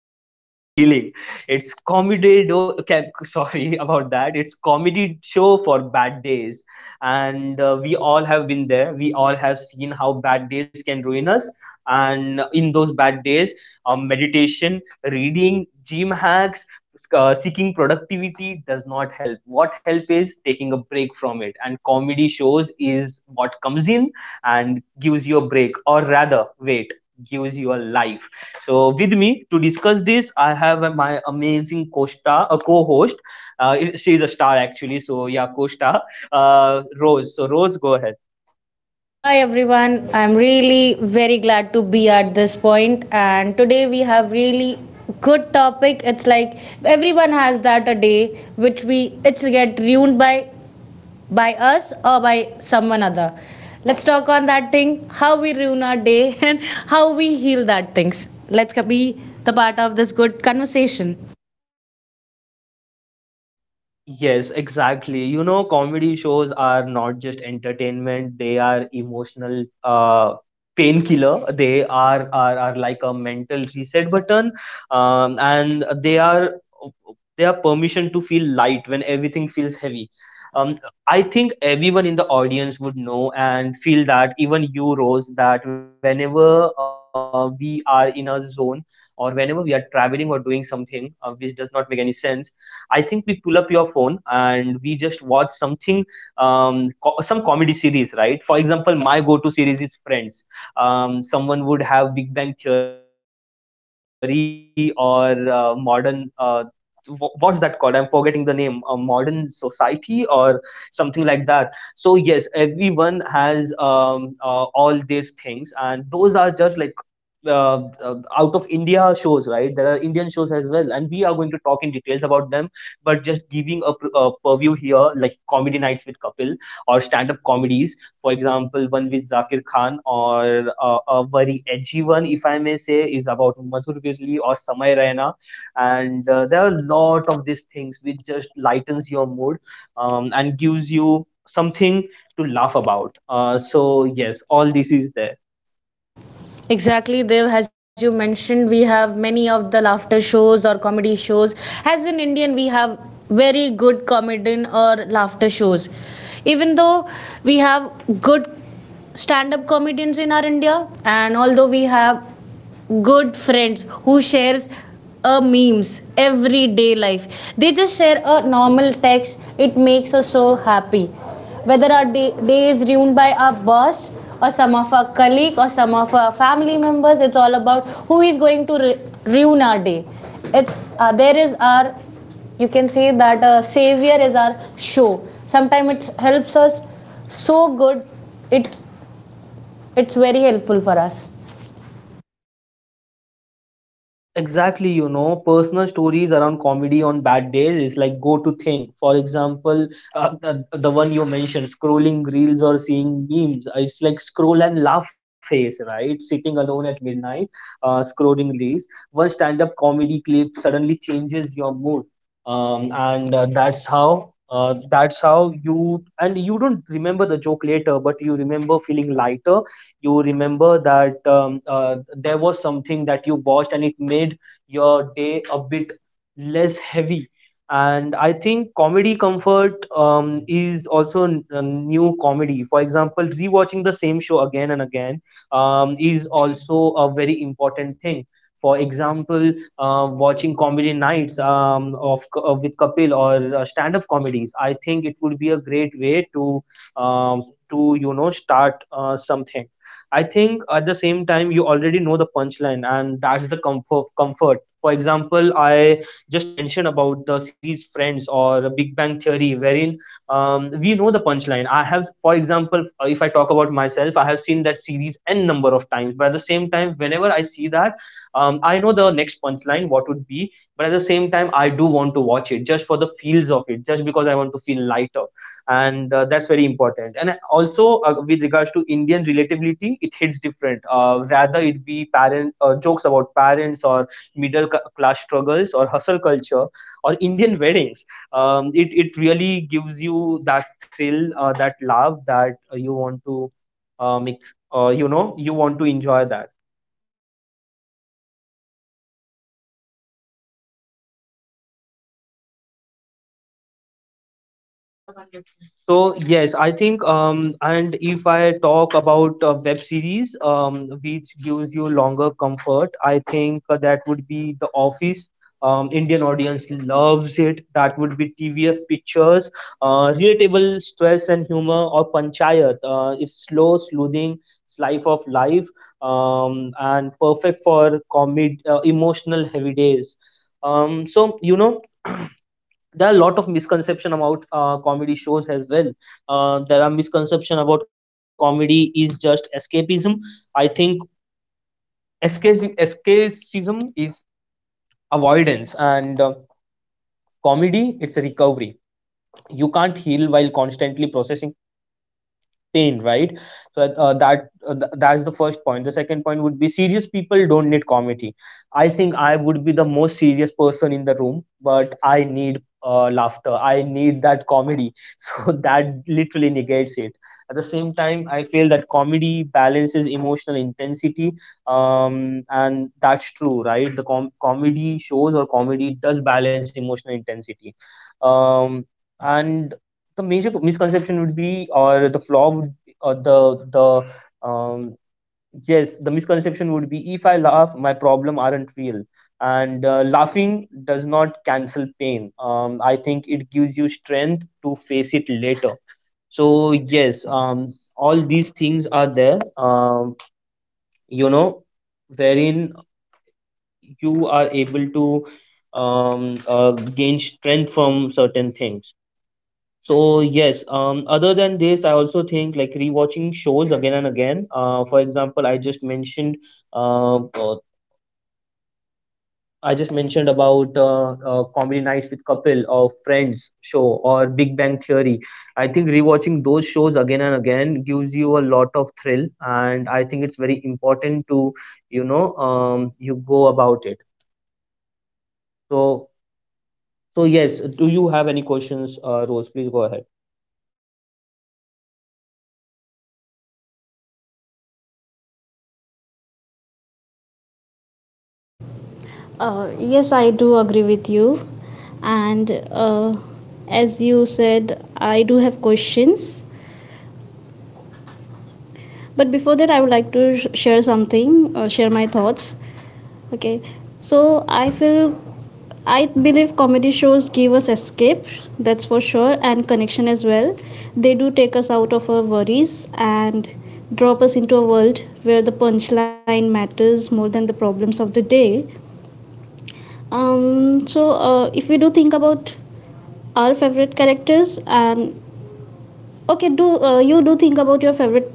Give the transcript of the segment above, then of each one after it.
very, very healing. It's comedy. Sorry about that. It's comedy show for bad days, and we all have been there. We all have seen how bad days can ruin us, and in those bad days, meditation, reading, gym hacks, seeking productivity does not help. What help is taking a break from it, and comedy shows is what comes in and gives you a break, or rather wait, gives you a life. So with me to discuss this I have my amazing costa, a co-host. She is a star actually, so yeah, costa, Rose, so Rose, go ahead. Hi everyone, I'm really very glad to be at this point and today we have really good topic. It's like everyone has that a day which we it's get ruined by us or by someone other. Let's talk on that thing, how we ruin our day and how we heal that things. Let's be the part of this good conversation. Yes, exactly. You know, comedy shows are not just entertainment, they are emotional painkiller. They are, are like a mental reset button. And they are, they are permission to feel light when everything feels heavy. Um, I think everyone in the audience would know and feel that, even you, Rose, that whenever we are in a zone or whenever we are traveling or doing something which does not make any sense, I think we pull up your phone and we just watch something, some comedy series, right? For example, my go-to series is Friends. Someone would have Big Bang Theory or Modern. What's that called? I'm forgetting the name. A modern society or something like that. So yes, everyone has all these things, and those are just like out of India shows, right? There are Indian shows as well, and we are going to talk in details about them, but just giving a, a purview here, like Comedy Nights with Kapil or stand-up comedies, for example one with Zakir Khan or a very edgy one if I may say is about Madhur Virli or Samay Raina. And there are a lot of these things which just lightens your mood, and gives you something to laugh about. So yes, all this is there. Exactly, Dev. As you mentioned, we have many of the laughter shows or comedy shows. As an Indian, we have very good comedian or laughter shows. Even though we have good stand up comedians in our India, and although we have good friends who shares a memes everyday life, they just share a normal text, it makes us so happy, whether our day is ruined by our boss or some of our colleague or some of our family members. It's all about who is going to ruin our day. It's there is our, you can say that, savior is our show. Sometimes it helps us so good. It's it's very helpful for us. Exactly, you know, personal stories around comedy on bad days is like go-to thing. For example, the one you mentioned, scrolling reels or seeing memes. It's like scroll and laugh face, right? Sitting alone at midnight, scrolling reels. One stand-up comedy clip suddenly changes your mood, and that's how. That's how you, and you don't remember the joke later, but you remember feeling lighter. You remember that there was something that you watched and it made your day a bit less heavy. And I think comedy comfort, is also a new comedy. For example, rewatching the same show again and again, is also a very important thing. For example, watching Comedy Nights, with Kapil, or stand up comedies, I think it would be a great way um, to you know start something. I think at the same time you already know the punchline, and that's the comfort. Comfort. For example, I just mentioned about the series Friends or Big Bang Theory, wherein we know the punchline. I have, for example, if I talk about myself, I have seen that series n number of times. But at the same time, whenever I see that, I know the next punchline what would be. But at the same time, I do want to watch it just for the feels of it, just because I want to feel lighter, and that's very important. And also with regards to Indian relatability, it hits different, rather it be parent, jokes about parents or middle class struggles or hustle culture or Indian weddings, it really gives you that thrill, that love that you want to make, you know you want to enjoy that. So yes, I think and if I talk about web series, which gives you longer comfort, I think that would be The Office. Indian audience loves it. That would be TVF Pictures, relatable stress and humor, or Panchayat. It's slow, soothing, it's life of life, and perfect for comedy, emotional heavy days. So you know there are a lot of misconception about comedy shows as well. There are misconception about comedy is just escapism. I think escapism is avoidance, and comedy, it's a recovery. You can't heal while constantly processing pain, right? So that's the first point. The second point would be, serious people don't need comedy. I think I would be the most serious person in the room, but I need laughter. I need that comedy. So that literally negates it. At the same time I feel that comedy balances emotional intensity, and that's true, right? The comedy shows or comedy does balance emotional intensity. Um, and the major misconception would be, or the flaw would be, or the um yes the misconception would be, if I laugh my problem aren't real. And laughing does not cancel pain. I think it gives you strength to face it later. So yes, all these things are there, you know, wherein you are able to um uh, gain strength from certain things. So yes, other than this, I also think like rewatching shows again and again. For example, uh, uh, I just mentioned about Comedy Nights with Kapil or Friends show or Big Bang Theory. I think rewatching those shows again and again gives you a lot of thrill, and I think it's very important to, you know, you go about it. So so yes, do you have any questions, Rose? Please go ahead. Yes, I do agree with you. And as you said, I do have questions. But before that, I would like to share something, share my thoughts. Okay, so I feel, I believe comedy shows give us escape, that's for sure, and connection as well. They do take us out of our worries and drop us into a world where the punchline matters more than the problems of the day. If we do think about our favorite characters and, okay, do you do think about your favorite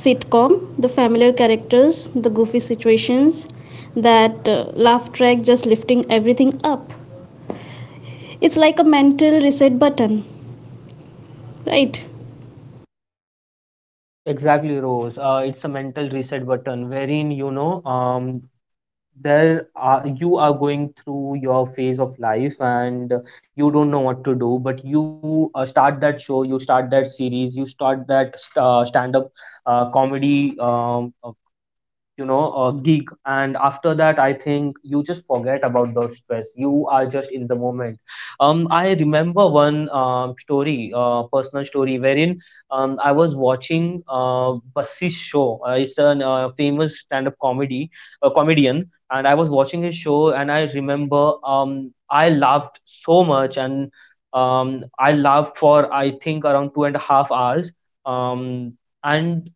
sitcom, the familiar characters, the goofy situations, that laugh track just lifting everything up, it's like a mental reset button, right? Exactly, Rose. It's a mental reset button wherein you know there are you are going through your phase of life and you don't know what to do, but you start that show, you start that series, you start that stand-up comedy, you know a gig, and after that I think you just forget about the stress. You are just in the moment. I remember one story, personal story, wherein I was watching Bassi's show. It's a famous stand up comedy comedian, and I was watching his show, and I remember I laughed so much. And I laughed for I think around 2.5 hours. Um and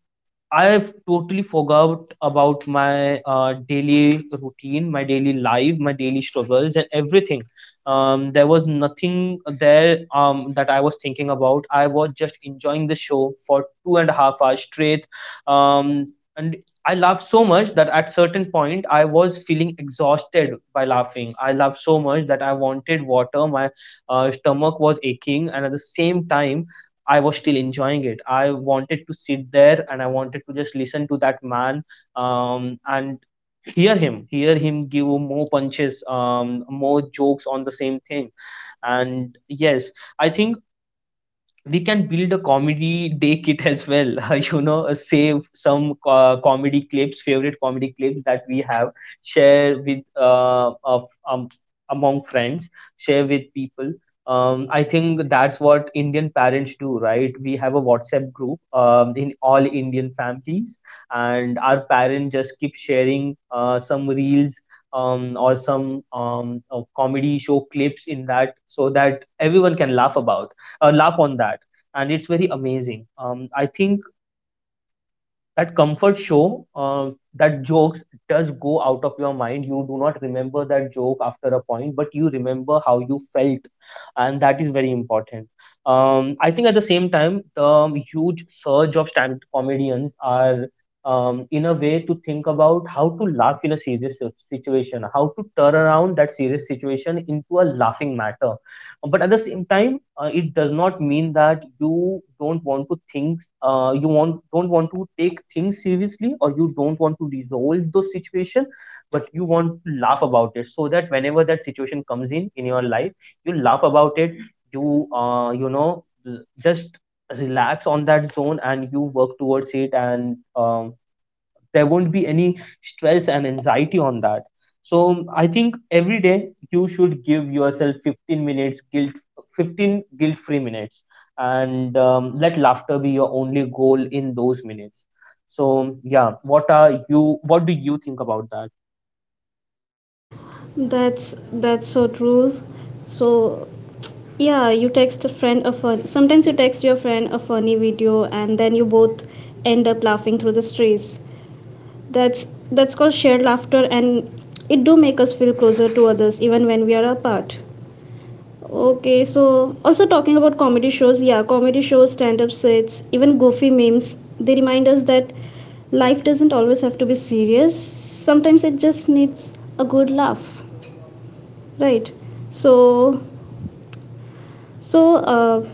I've totally forgot about my daily routine, my daily life, my daily struggles, and everything. There was nothing there that I was thinking about. I was just enjoying the show for 2.5 hours straight. Um, and I laughed so much that at certain point I was feeling exhausted by laughing. I laughed so much that I wanted water. My stomach was aching, and at the same time, I was still enjoying it. I wanted to sit there and I wanted to just listen to that man, and hear him give more punches, more jokes on the same thing. And yes, I think we can build a comedy day kit as well. You know, save some comedy clips, favorite comedy clips that we have, share with of among friends, share with people, I think that's what Indian parents do, right? We have a WhatsApp group, in all Indian families, and our parents just keep sharing some reels, or some comedy show clips in that, so that everyone can laugh about, laugh on that. And it's very amazing. I think that comfort show, that jokes, does go out of your mind. You do not remember that joke after a point, but you remember how you felt, and that is very important. I think at the same time the huge surge of stand comedians are in a way to think about how to laugh in a serious situation, how to turn around that serious situation into a laughing matter. But at the same time it does not mean that you don't want to think, you want don't want to take things seriously, or you don't want to resolve those situation, but you want to laugh about it, so that whenever that situation comes in your life you laugh about it. You you know just relax on that zone and you work towards it. And there won't be any stress and anxiety on that. So I think every day you should give yourself 15 minutes guilt, 15 guilt free minutes, and Let laughter be your only goal in those minutes. So what do you think about that? That's that's so true. So yeah, you text a friend a fun, sometimes you text your friend a funny video and then you both end up laughing through the stress. That's called shared laughter and it do make us feel closer to others even when we are apart. Okay, so also talking about comedy shows, yeah, comedy shows, stand up sets, even goofy memes, they remind us that life doesn't always have to be serious, sometimes it just needs a good laugh, right? So so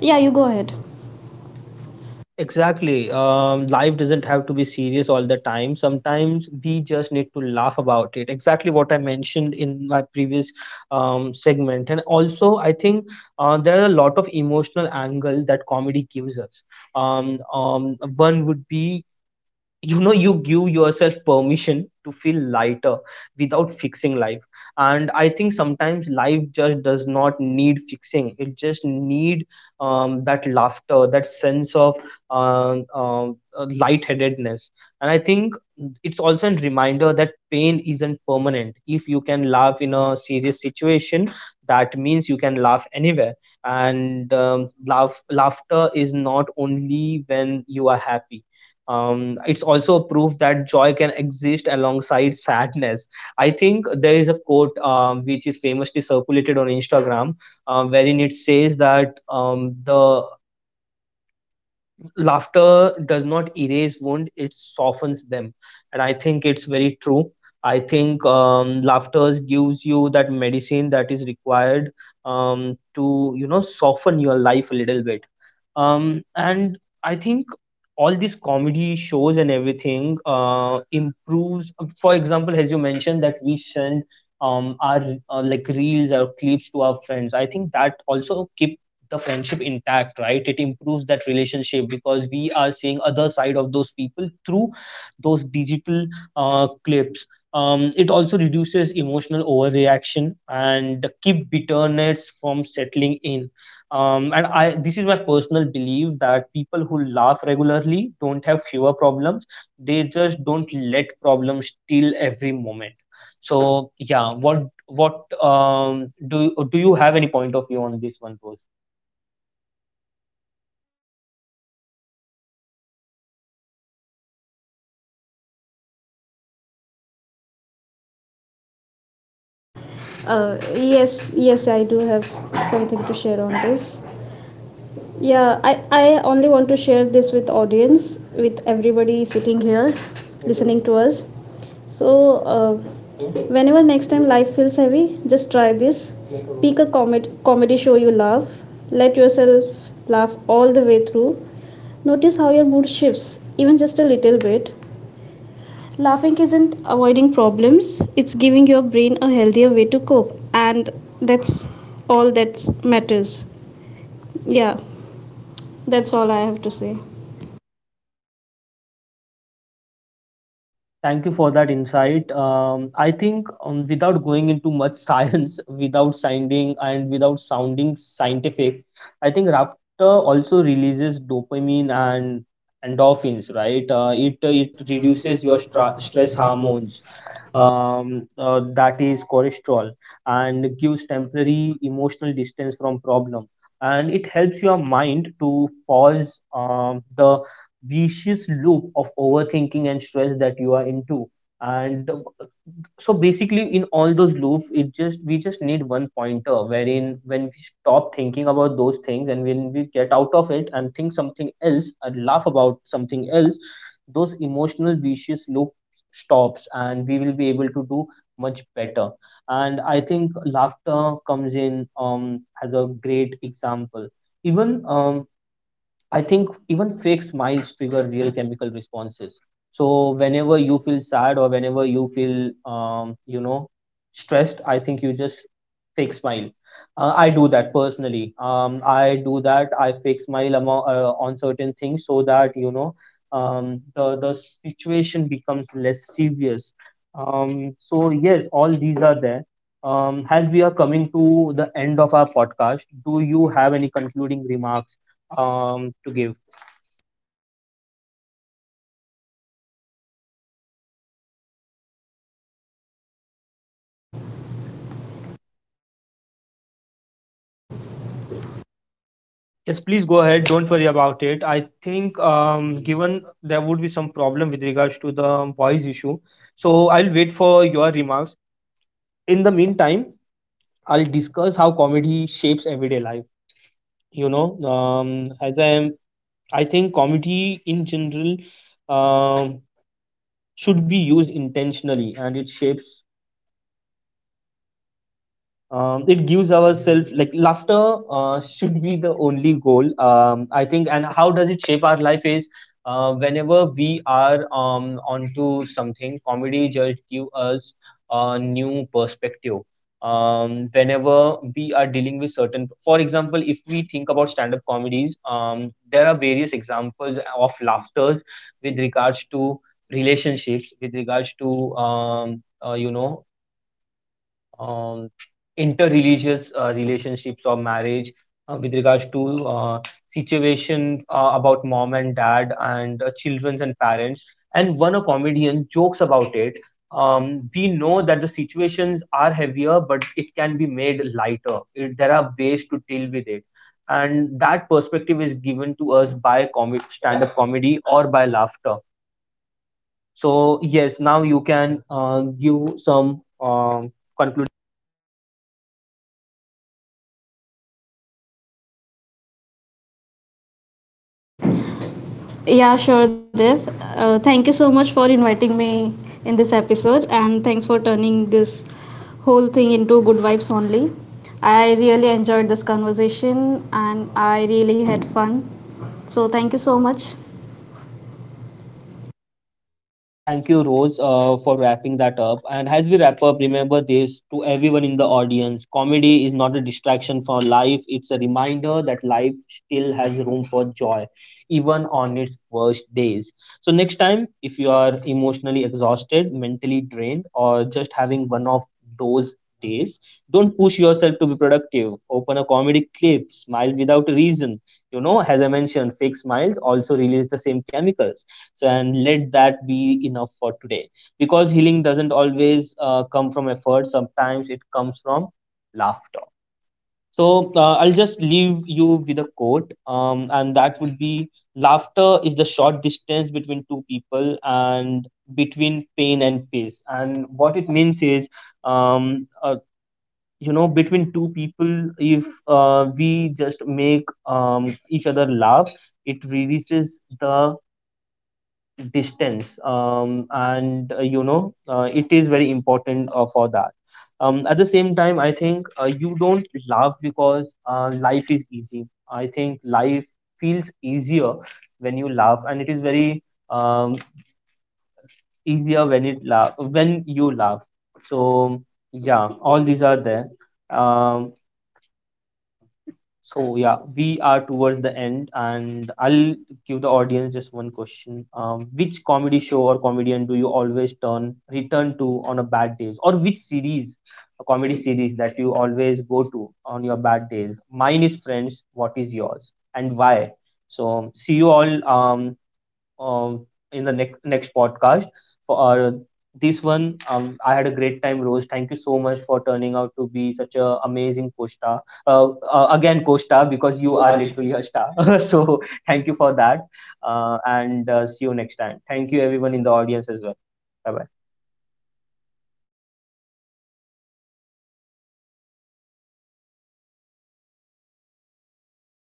yeah, you go ahead. Exactly. Life doesn't have to be serious all the time. Sometimes we just need to laugh about it. Exactly what I mentioned in my previous segment. And also, I think there are a lot of emotional angle that comedy gives us. One would be, you know, you give yourself permission to feel lighter without fixing life. And I think sometimes life just does not need fixing, it just need that laughter, that sense of uh, uh, lightheadedness. And I think it's also a reminder that pain isn't permanent. If you can laugh in a serious situation, that means you can laugh anywhere. And laughter is not only when you are happy. It's also a proof that joy can exist alongside sadness. I think there is a quote which is famously circulated on Instagram, wherein it says that the laughter does not erase wound, it softens them. And I think it's very true. I think laughter gives you that medicine that is required to, you know, soften your life a little bit. And I think all these comedy shows and everything improves, for example, as you mentioned, that we send our like reels or clips to our friends. I think that also keeps the friendship intact, right? It improves that relationship because we are seeing other side of those people through those digital clips. It also reduces emotional overreaction and keep bitterness from settling in. And I This is my personal belief that people who laugh regularly don't have fewer problems, they just don't let problems steal every moment. So yeah what do do you have any point of view on this one Rose? Yeah, yes I do have something to share on this. Yeah, I only want to share this with audience, with everybody sitting here, listening to us. So, whenever next time life feels heavy, just try this. Pick a comedy show you love. Let yourself laugh all the way through. Notice how your mood shifts, even just a little bit. Laughing isn't avoiding problems, it's giving your brain a healthier way to cope. And that's all that matters. Yeah, that's all I have to say. Thank you for that insight. I think, without going into much science, without sounding and without sounding scientific, I think laughter also releases dopamine and endorphins, right? It reduces your stress hormones, that is cholesterol, and gives temporary emotional distance from problem. And it helps your mind to pause the vicious loop of overthinking and stress that you are into. And so basically, in all those loops, it just we just need one pointer wherein when we stop thinking about those things and when we get out of it and think something else and laugh about something else, those emotional vicious loop stops and we will be able to do much better. And I think laughter comes in as a great example. Even I think even fake smiles trigger real chemical responses. So whenever you feel sad or whenever you feel you know, stressed, I think you just fake smile. I do that personally. I do that. I fake smile on certain things so that, you know, the situation becomes less serious. So yes, all these are there. As we are coming to the end of our podcast, do you have any concluding remarks to give? Yes, please go ahead. Don't worry about it. I think, given there would be some problem with regards to the voice issue, so I'll wait for your remarks. In the meantime, I'll discuss how comedy shapes everyday life. You know, I think comedy in general um, should be used intentionally, and it shapes it gives ourselves, like laughter should be the only goal, I think. And how does it shape our life is whenever we are onto something, comedy just give us a new perspective whenever we are dealing with certain, for example, if we think about stand-up comedies, there are various examples of laughters with regards to relationships, with regards to you know, um, interreligious relationships or marriage, with regards to situations about mom and dad and children and parents. And one a comedian jokes about it. We know that the situations are heavier, but it can be made lighter. There are ways to deal with it. And that perspective is given to us by comic stand-up comedy or by laughter. So yes, now you can give some conclusion. Yeah, sure, Dev. Thank you so much for inviting me in this episode, and thanks for turning this whole thing into good vibes only. I really enjoyed this conversation and I really had fun. So, thank you so much. Thank you, Rose, for wrapping that up. And as we wrap up, remember this: to everyone in the audience, comedy is not a distraction for life, it's a reminder that life still has room for joy, even on its worst days. So, next time, if you are emotionally exhausted, mentally drained, or just having one of those days, don't push yourself to be productive. Open a comedy clip, smile without a reason. You know, as I mentioned, fake smiles also release the same chemicals. So, and let that be enough for today, because healing doesn't always come from effort, sometimes it comes from laughter. So I'll just leave you with a quote, and that would be: laughter is the short distance between two people, and between pain and peace. And what it means is, um, uh, you know, between two people, if we just make, each other laugh, it releases the distance. And You know, it is very important, for that. At the same time, I think, you don't laugh because life is easy. I think life feels easier when you laugh, and it is very um, easier when it laugh when you laugh. So, yeah, all these are there. um, so yeah, we are towards the end, and I'll give the audience just one question: Which comedy show or comedian do you always turn return to on a bad days, or which series, a comedy series, that you always go to on your bad days? Mine is Friends. What is yours, and why? So, see you all. Um, in the next podcast. For this one, I had a great time, Rose. Thank you so much for turning out to be such a amazing co-star. Again, co-star because you are literally a star. So, thank you for that, and see you next time. Thank you, everyone in the audience as well. Bye bye.